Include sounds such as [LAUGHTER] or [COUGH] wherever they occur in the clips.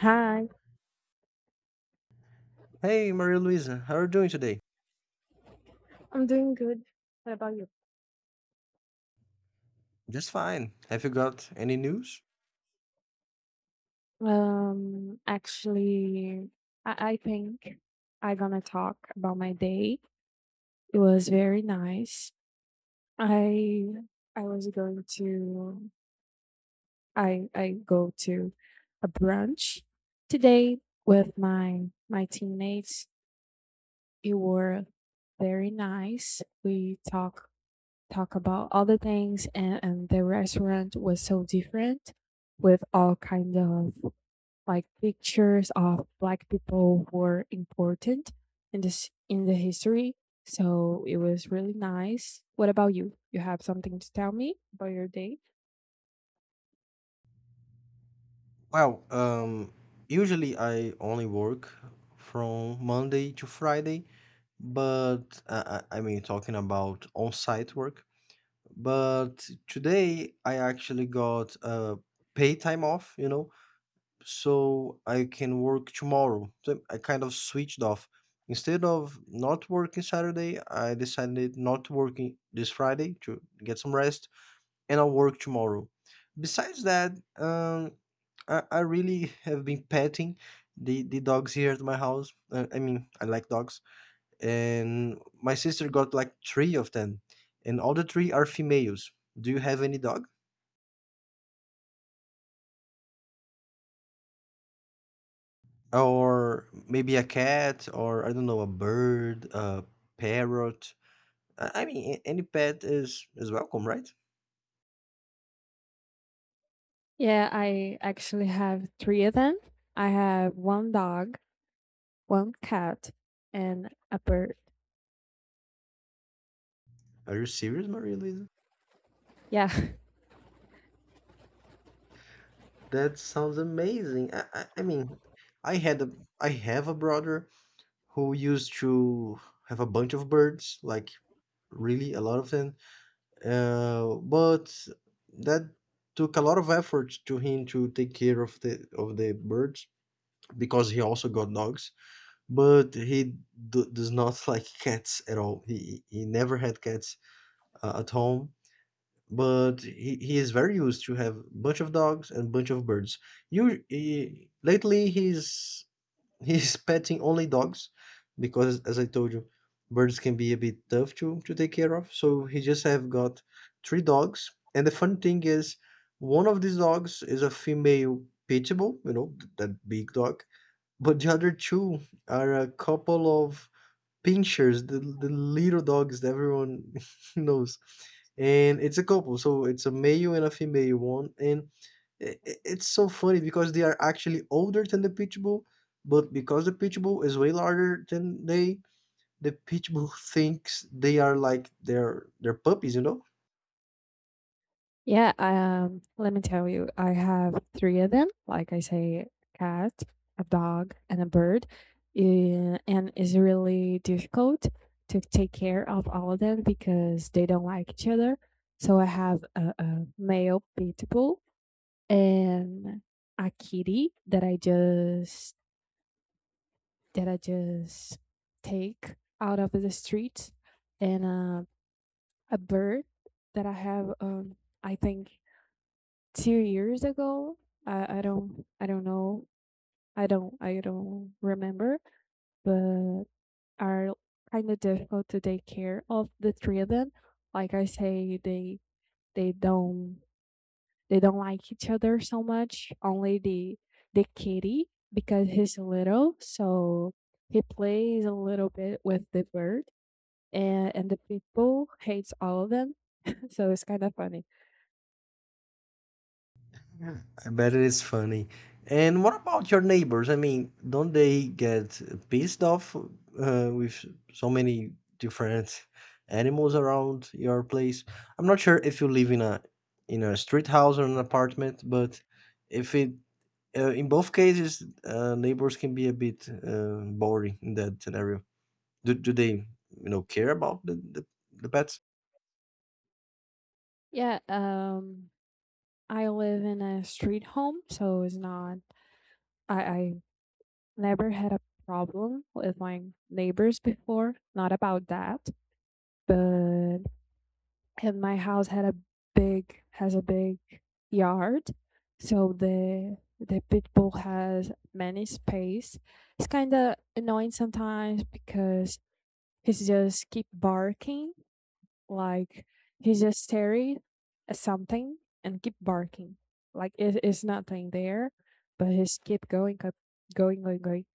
Hi, Hey, Maria Luisa, how are you doing today? I'm doing good. What about you? Just fine. Have you got any news? Actually, I think I gonna talk about my day. It was very nice. I I was going to I go to a brunch today with my teammates. It were very nice. We talk about other things, and the restaurant was so different, with all kind of like pictures of black people who were important in this in the history. So it was really nice. What about you? You have something to tell me about your day? Well, usually I only work from Monday to Friday, but I mean, talking about on-site work. But today I actually got pay time off, so I can work tomorrow. So I kind of switched off. Instead of not working Saturday, I decided not working this Friday to get some rest, and I'll work tomorrow. Besides that, um, I really have been petting the dogs here at my house. I mean, I like dogs. And my sister got like three of them, and all the three are females. Do you have any dog? Or maybe a cat, or I don't know, a bird, a parrot. I mean, any pet is welcome, right? Yeah, I actually have three of them. I have one dog, one cat, and a bird. Are you serious, Maria Luisa? Yeah. [LAUGHS] That sounds amazing. I mean, I had a I have a brother who used to have a bunch of birds, like really a lot of them. But that took a lot of effort to him to take care of the birds because he also got dogs. But he does not [LAUGHS] like cats at all. He never had cats at home. But he is very used to have bunch of dogs and bunch of birds. Lately he's [LAUGHS] petting only dogs because, as I told you, birds can be a bit tough to take care of. So he just have got three dogs. And the fun thing is, one of these dogs is a female pitbull, you know, that big dog. But the other two are a couple of Pinchers, the little dogs that everyone [LAUGHS] knows. And it's a couple, so it's a male and a female one, and I it's so funny because they are actually older than the Pit Bull, but because the Pit Bull is way larger than they, the Pit Bull [LAUGHS] thinks they are like their puppies, you know? Yeah, let me tell you, I have three of them. Like I say, a cat, a dog, and a bird. Yeah, and it's really difficult to take care of all of them because they don't like each other. So I have a male pit bull and a kitty that I just take out of the street, and a bird that I have. I think 2 years ago? I don't know. I don't remember, but are kinda difficult to take care of the 3 of them. Like I say, they don't they don't like each other so much, only the kitty because he's little, so he plays a little bit with the bird, and the people hates all of them, [LAUGHS] so it's kinda funny. I bet it is funny. And what about your neighbors? I mean, don't they get pissed off with so many different animals around your place? I'm not sure if you live in a street house or an apartment, but if it in both cases, neighbors can be a bit boring in that scenario. Do they, you know, care about the pets? Yeah, I live in a street home, so it's not. I never had a problem with my neighbors before. Not about that, but and my house had a big has a big yard, so the pit bull has many space. It's kind of annoying sometimes because he's just keep barking. Like he just stared at something and keep barking. Like it is nothing there, but he keep going, kept going, going, going.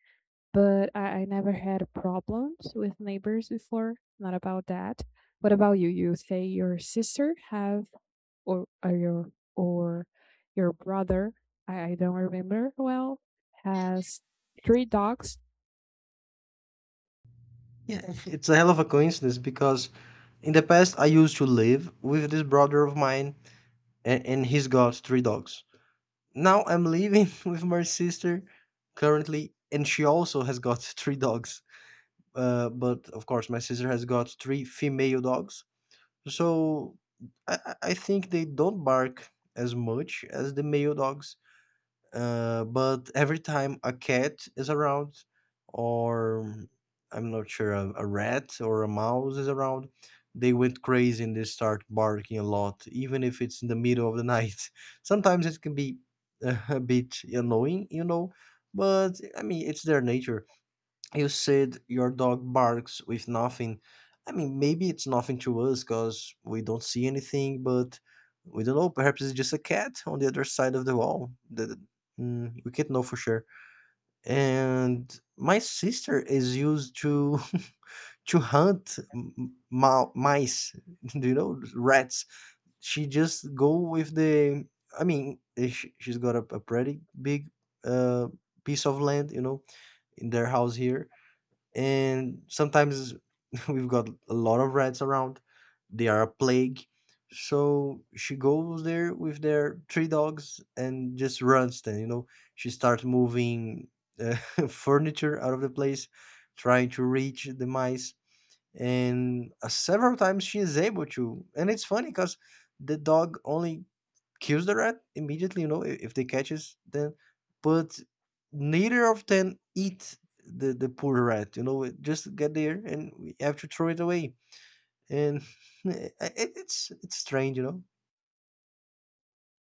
But I never had problems with neighbors before. Not about that. What about you? You say your sister have, or your brother. I don't remember well. Has three dogs. Yeah, [LAUGHS] it's a hell of a coincidence because in the past I used to live with this brother of mine and, he's got three dogs. Now I'm living [LAUGHS] with my sister currently, and she also has got [LAUGHS] three dogs. But of course, my sister has got three female dogs, so I think they don't bark as much as the male dogs. But every time a cat is around, or I'm not sure, a rat or a mouse is around, they went crazy and they start barking a lot, even if it's in the middle of the night. [LAUGHS] Sometimes it can be [LAUGHS] a bit annoying, you know, but I mean, it's their nature. You said your dog barks with nothing. I mean, maybe it's nothing to us because we don't see anything, but we don't know. Perhaps it's just a cat on the other side of the wall. That we can't know for sure. And my sister is used to [LAUGHS] to hunt mice. [LAUGHS] You know, rats. She just go with the. I mean, she's got a, pretty big uh, piece of land. You know, in their house here, and sometimes [LAUGHS] we've got a lot of rats around. They are a plague. So she goes there with their three dogs and just runs them, you know. She starts moving uh, [LAUGHS] furniture out of the place, trying to reach the mice. And several times she is able to. And it's funny because the dog only kills the rat immediately, you know, if they catches them. But neither of them eat the poor rat, you know, it just get there and we have to throw it away. And [LAUGHS] it, it's strange, you know,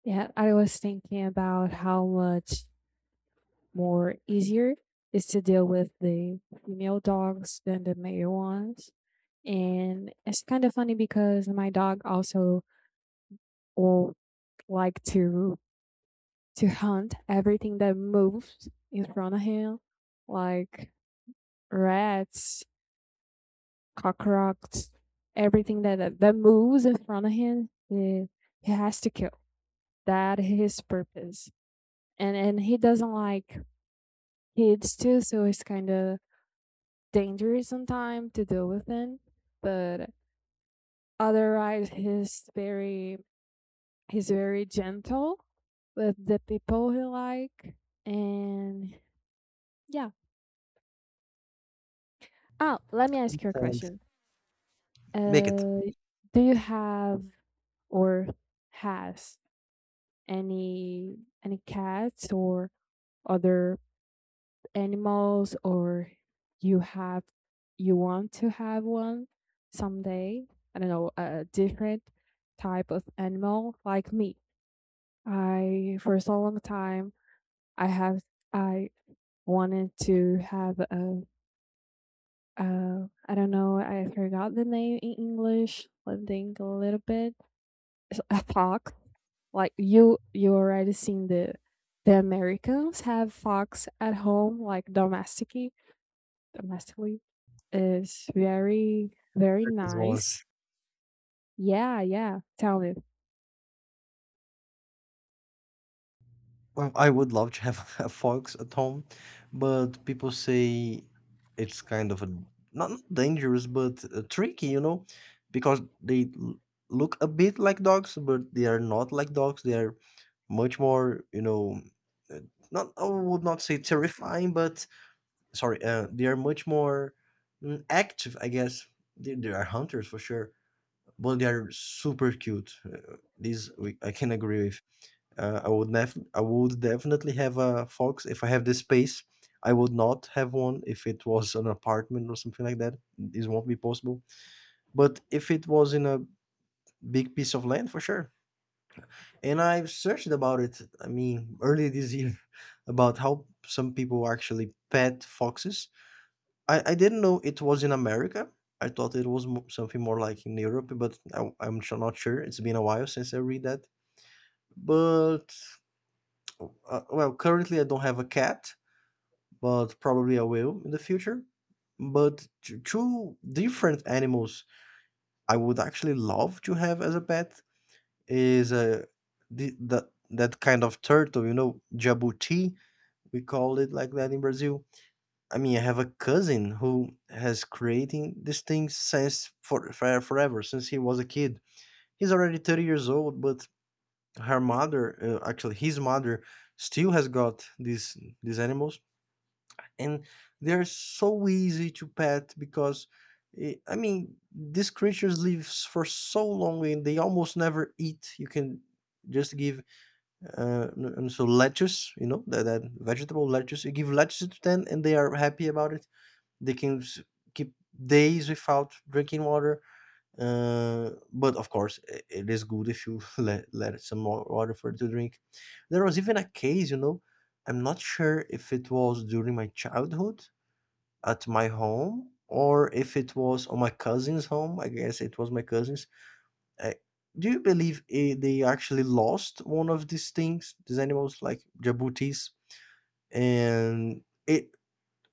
Yeah, I was thinking about how much more easier is to deal with the female dogs than the male ones. And it's kind of funny because my dog also will like to hunt everything that moves in front of him, like rats, cockroaches, everything that moves in front of him. He has to kill. That is his purpose. And he doesn't like kids too, so it's kind of dangerous sometimes to deal with him, but otherwise he's very gentle with the people he like, and yeah. Oh, let me ask you a and question. make it Uh, do you have or has any any cats or other animals, or you have, you want to have one someday, I don't know, a different type of animal? Like me, I for so long time, i have I wanted to have a I don't know. I forgot the name in English. Let me think a little bit. It's a fox. Like you already seen the Americans have fox at home, like domestically. Is very, very practice nice. once. Yeah, yeah. Tell me. Well, I would love to have [LAUGHS] a fox at home, but people say it's kind of a not dangerous, but tricky, you know, because they look a bit like dogs, but they are not like dogs. They are much more, you know, uh, not I would not say terrifying, but sorry, they are much more active, I guess. They are hunters for sure, but they are super cute. I can agree with. I would I would definitely have a fox if I have the space. I would not have one if it was an apartment or something like that. This won't be possible. But if it was in a big piece of land, for sure. And I've searched about it. I mean, earlier this year, [LAUGHS] about how some people actually pet foxes. I didn't know it was in America. I thought it was something more like in Europe, but I'm not sure. It's been a while since I read that. But currently I don't have a cat, but probably I will in the future. But two different animals I would actually love to have as a pet is a the that kind of turtle, you know, jabuti. We call it like that in Brazil. I mean, I have a cousin who has creating this thing since for forever, since he was a kid. He's already 30 years old, but her mother, actually his mother still has got these animals, and they're so easy to pet because I mean, these creatures live for so long and they almost never eat. You can just give n- and so lettuce, you know, that vegetable lettuce. You give lettuce to them and they are happy about it. They can keep days without drinking water. But of course, it is good if you [LAUGHS] let some more water for it to drink. There was even a case, you know, I'm not sure if it was during my childhood at my home or if it was on my cousin's home. I guess it was my cousin's. Uh, do you believe they actually lost one of these things, these animals like jabutis? And it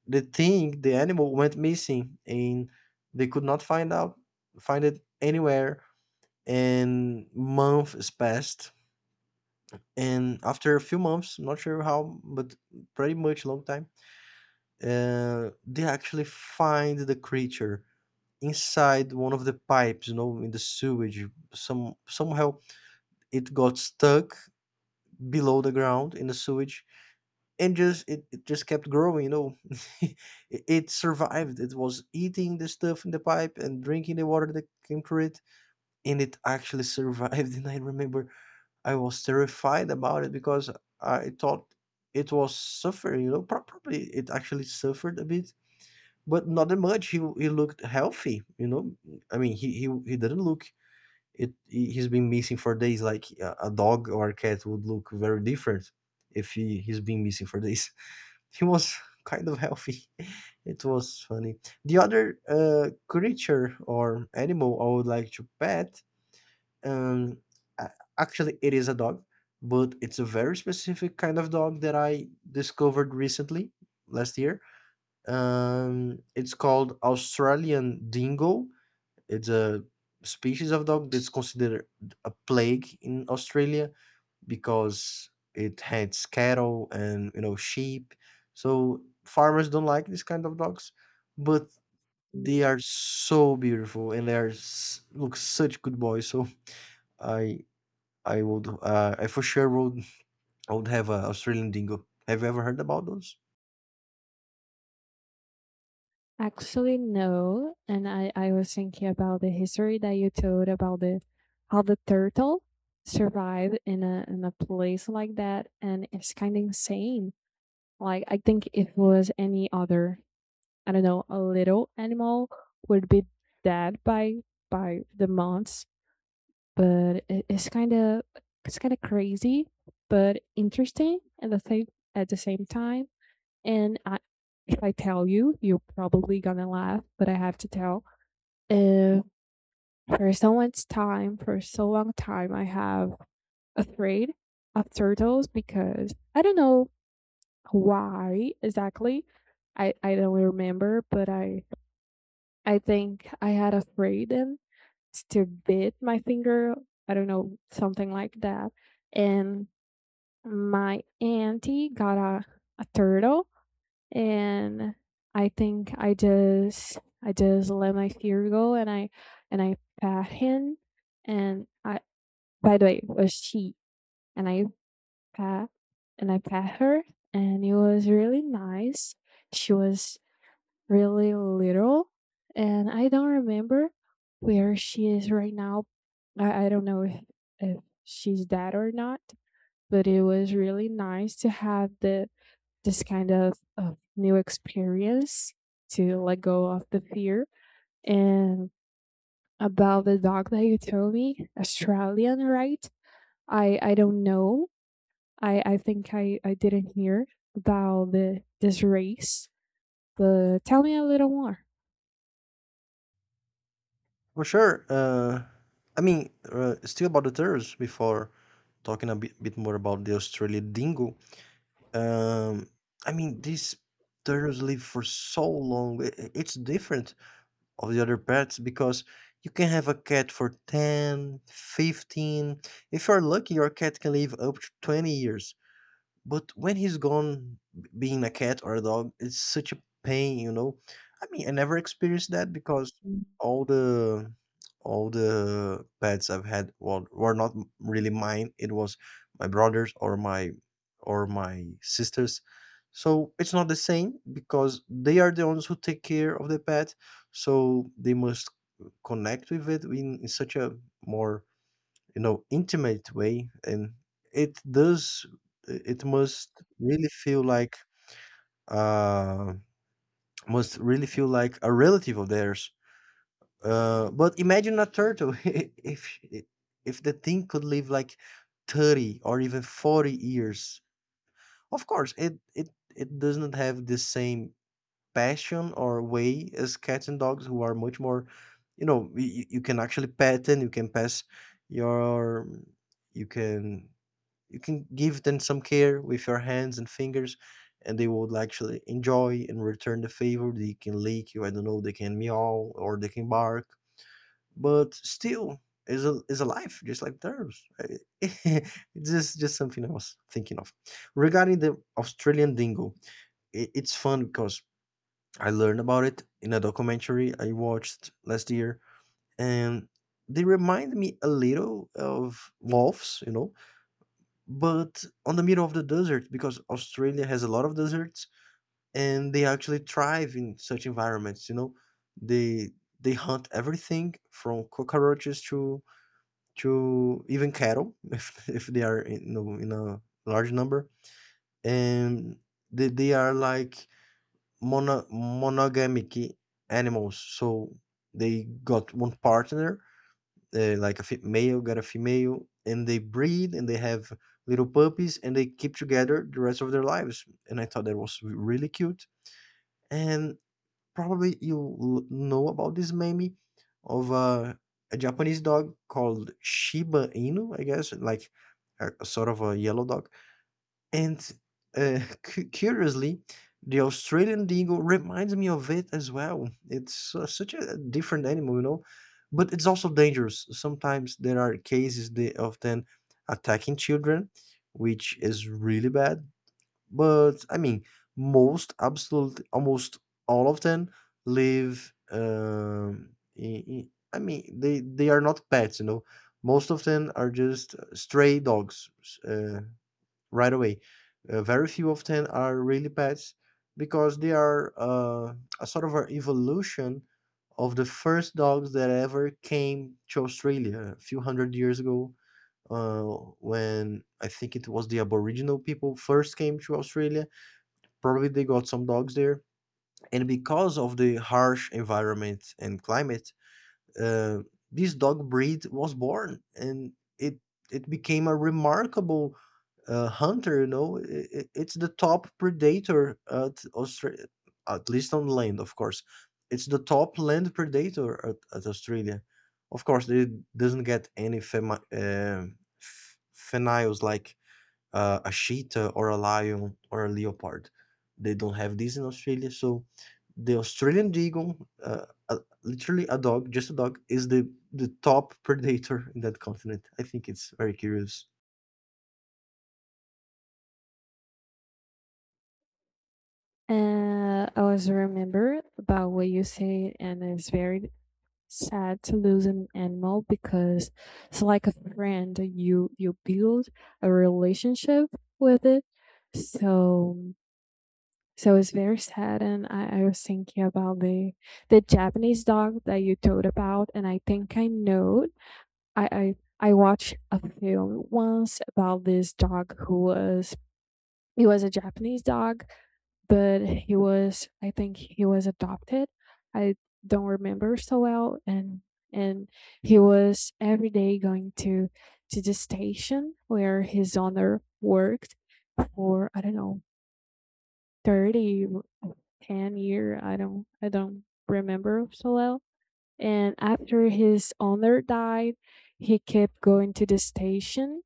the thing, the animal went missing, and they could not find it anywhere, and months passed. And after a few months, not sure how, but pretty much long time, they actually find the creature inside one of the pipes, you know, in the sewage. Somehow it got stuck below the ground in the sewage, and it just kept growing. You know, [LAUGHS] it survived. It was eating the stuff in the pipe and drinking the water that came through it, and it actually survived. [LAUGHS] And I remember I was terrified about it because I thought it was suffering. You know, probably it actually suffered a bit. But not that much. He looked healthy, you know. I mean, he didn't look it has been missing for days. Like a dog or a cat would look very different if he's been missing for days. [LAUGHS] He was kind of healthy. [LAUGHS] It was funny. The other creature or animal I would like to pet, um, actually, it is a dog, but it's a very specific kind of dog that I discovered recently last year. It's called Australian Dingo. It's a species of dog that's considered a plague in Australia because it hunts cattle and, you know, sheep. So farmers don't like these kind of dogs, but they are so beautiful and they are look such good boys. So I I would I for sure would I would have a Australian dingo. Have you ever heard about those? Actually, no. And I was thinking about the history that you told about the, how the turtle survived in a place like that, and it's kind of insane. Like I think if it was any other, I don't know, a little animal would be dead by the months, but it's kind of crazy, but interesting at the same time. And I, if I tell you, you're probably gonna laugh, but I have to tell. Uh, for so much time, for so long time, I have afraid of turtles because I don't know why exactly. I don't remember, but I think I had afraid them to bit my finger. I don't know, something like that, and my auntie got a turtle, and I think I just let my fear go, and I pat him, and I, by the way, it was she, and pat I pat her, and it was really nice. She was really little, and I don't remember where she is right now. I don't know if she's dead or not, but it was really nice to have the this kind of new experience to let go of the fear. And about the dog that you told me, Australian, right? I don't know. I think I didn't hear about the this race. But tell me a little more. For sure. Still about the turtles before talking a bit, more about the Australian dingo. Um, I mean, these turtles live for so long. It's different of the other pets because you can have a cat for 10, 15. If you're lucky, your cat can live up to 20 years. But when he's gone, being a cat or a dog, it's such a pain, you know. I mean, I never experienced that because all the pets I've had, well, were not really mine. It was my brothers or my sisters. So it's not the same because they are the ones who take care of the pet. So they must connect with it in such a more intimate way, and it does. It really feel like uh, must really feel like a relative of theirs. But imagine a turtle [LAUGHS] if the thing could live like 30 or even 40 years. Of course, it does not have the same passion or way as cats and dogs, who are much more. You know, you can actually pet and you can pass your you can you can give them some care with your hands and fingers, and they will actually enjoy and return the favor. They can lick you, I don't know, they can meow or they can bark. But still, is a life just like theirs. [LAUGHS] It's just something I was thinking of regarding the Australian dingo. It's fun because I learned about it in a documentary I watched last year, and they remind me a little of wolves, but on the middle of the desert, because Australia has a lot of deserts, and they actually thrive in such environments, you know? They they hunt everything from cockroaches to even cattle, [LAUGHS] if they are in a large number. And they are like monogamic animals, so they got one partner, like a male got a female, and they breed and they have little puppies and they keep together the rest of their lives. And I thought that was really cute. And probably you know about this meme of a Japanese dog called Shiba Inu, I guess, like a sort of a yellow dog. And curiously, the Australian dingo reminds me of it as well. It's such a different animal, but it's also dangerous. Sometimes there are cases they of them attacking children, which is really bad. But I mean, most, absolutely, almost all of them live. I mean, they are not pets, you know. Most of them are just stray dogs, uh, right away. Very few of them are really pets because they are a sort of an evolution of the first dogs that ever came to Australia a few hundred years ago. Uh, when I think it was the Aboriginal people first came to Australia, probably they got some dogs there. And because of the harsh environment and climate, uh, this dog breed was born, and it it became a remarkable hunter. It's the top predator at Australia, at least on land. Of course, it's the top land predator at Australia. Of course, it doesn't get any pheniles like a cheetah or a lion or a leopard. They don't have these in Australia, so the Australian Deagle, literally a dog, just a dog, is the top [LAUGHS] predator in that continent. I think it's very curious. And I was remember about what you said, and it's very sad to lose an animal because it's like a friend you you build a relationship with it, so so it's very sad. And I was thinking about the Japanese dog that you told about, and I think I know it. I I watched a film once about this dog who was, it was a Japanese dog, but he was, I think he was adopted. I don't remember so well, and he was every day going to the station where his owner worked for I don't know, 30, r- 10 years year, I don't remember so well. And after his owner died, he kept going to the station.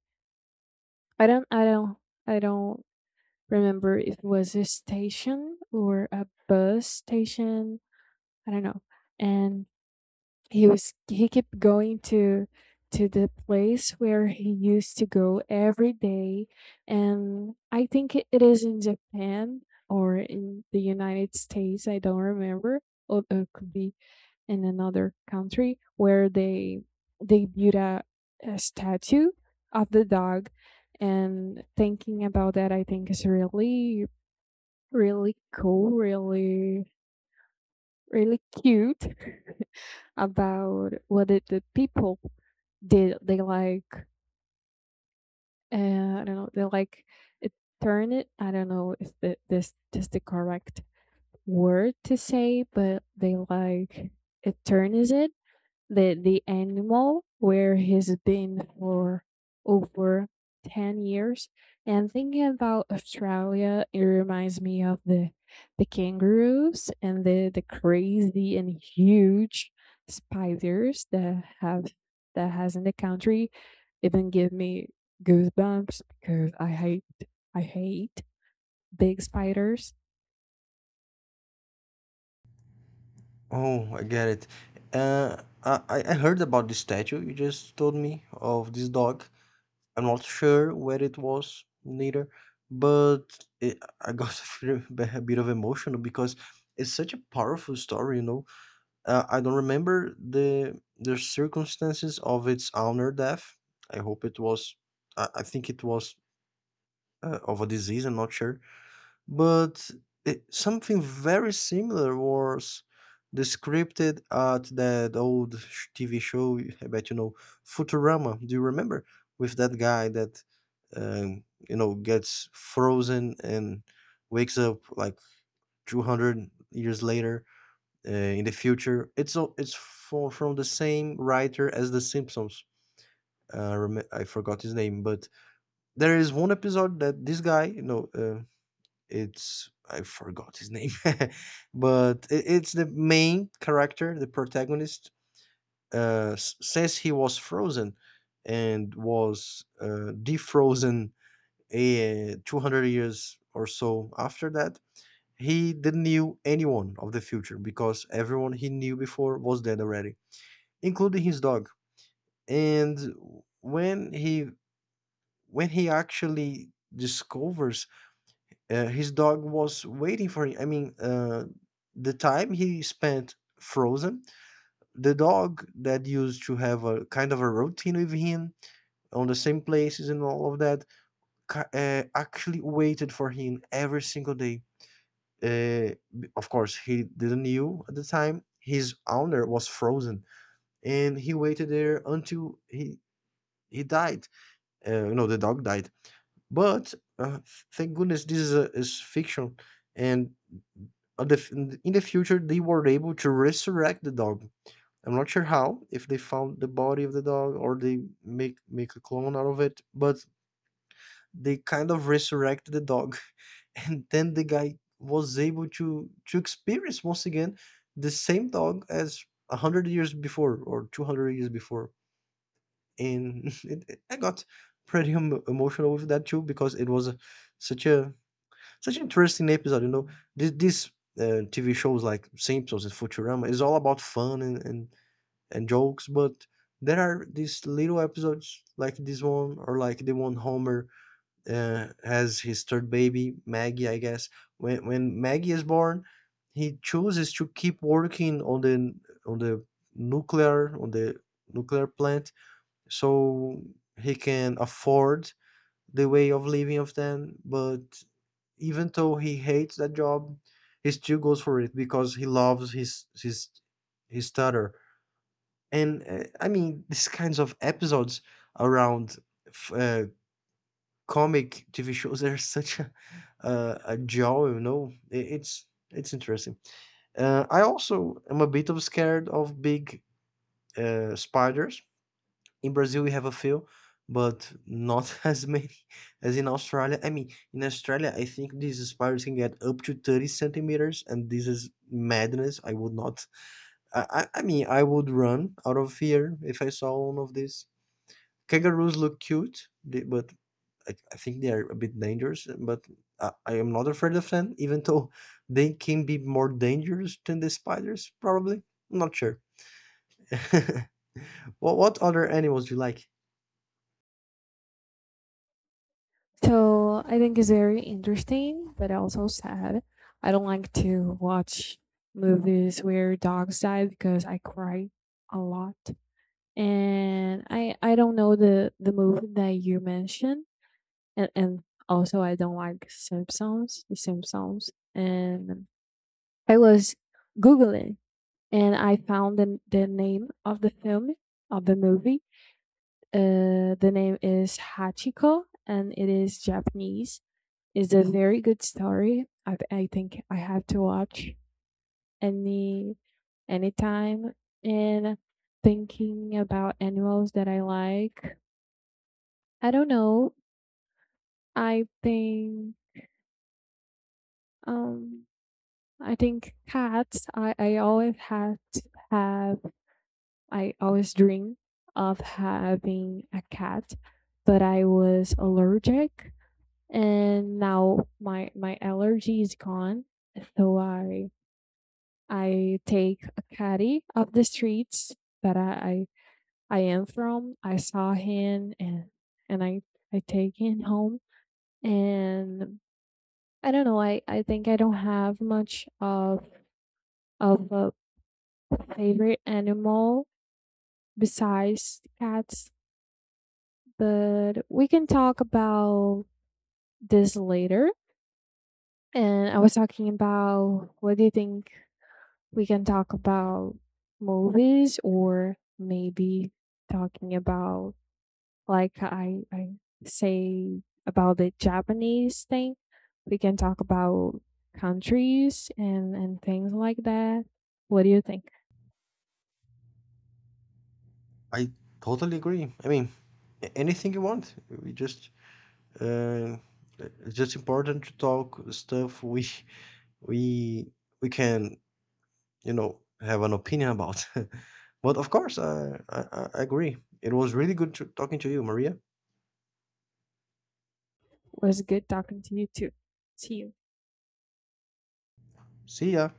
I don't I don't I don't remember if it was a station or a bus station. I don't know. And he was, he kept going to the place where he used to go every day. And I think it, it is in Japan or in the United States, I don't remember. Or it could be in another country where they built a statue of the dog. And thinking about that, I think is really really cool, really, really cute. [LAUGHS] About what did the people did. They like, I don't know, they like it turn it. I don't know if the, this the correct word to say, but they like it turns it. The animal where he's been for over 10 years. And thinking about Australia, it reminds me of the kangaroos and the crazy and huge spiders that have that has in the country, even give me goosebumps, because I hate big spiders. Oh, I get it. I heard about this statue you just told me of this dog. I'm not sure where it was neither, but I got [LAUGHS] a bit of emotional because it's such a powerful story, you know. I don't remember the circumstances of its owner death. I hope it was. I think it was of a disease. I'm not sure, but something very similar was described at that old TV show. I bet you know Futurama. Do you remember with that guy that um, gets frozen and wakes up like 200 years later, in the future? It's from the same writer as The Simpsons. I forgot his name, but there is one episode that this guy, you know, it's I forgot his name, [LAUGHS] but I it's the main character, the protagonist. Since he was frozen and was defrozen 200 years or so after that, he didn't knew anyone of the future because everyone he knew before was dead already, including his dog. And when he when he actually discovers, his dog was waiting for him. I mean, the time he spent frozen, the dog that used to have a kind of a routine with him on the same places and all of that, actually waited for him every single day. Of course, he didn't knew at the time his owner was frozen, and he waited there until he died. You know, the dog died, but thank goodness this is fiction. And in the future they were able to resurrect the dog. I'm not sure how, if they found the body of the dog or they make a clone out of it, but they kind of resurrected the dog. [LAUGHS] And then the guy was able to experience once again the same dog as 100 years before or 200 years before. And [LAUGHS] I got pretty emotional with that too because it was a such an interesting episode. You know, this these TV shows like Simpsons and Futurama is all about fun and jokes. But there are these little episodes, like this one or like the one Homer has his third baby Maggie, I guess. When Maggie is born, he chooses to keep working on on the the nuclear plant so he can afford the way of living of them. But even though he hates that job, he still goes for it because he loves his daughter. And I mean, these kinds of episodes around f- uh, comic TV shows are [LAUGHS] such a joy, you know. It's interesting. I also am a bit of scared of big spiders. In Brazil we have a few, but not [LAUGHS] as many as in Australia. I mean, in Australia, I think these spiders can get up to 30 centimeters, and this is madness. I would not. I, I mean, I would run out of fear if I saw one of these. Kangaroos look cute, but I think they are a bit dangerous. But I am not afraid of them, even though they can be more dangerous than the spiders, probably. I'm not sure. [LAUGHS] What other animals do you like? So I think it's very interesting, but also sad. I don't like to watch movies where dogs die because I cry a lot. And I don't know the movie that you mentioned, and also I don't like Simpsons, the Simpsons. And I was googling, and I found the name of the film, of the movie. The name is Hachiko, and it is Japanese, is a very good story. I think I have to watch any anytime. And thinking about animals that I like. I don't know. I think um I think cats, I always had to have, I always dream of having a cat, but I was allergic, and now my allergy is gone. So I take a caddy of the streets that I am from. I saw him, and and I I take him home. And I don't know. I think I don't have much of a favorite animal besides cats, but we can talk about this later. And I was talking about, what do you think, we can talk about movies, or maybe talking about, like I say about the Japanese thing, we can talk about countries and things like that. What do you think? I totally agree. I mean, anything you want. We just uh, it's just important to talk stuff we we can have an opinion about. [LAUGHS] But of course, I agree. It was really good talking to you, Maria. It was good talking to you too. See you. See ya.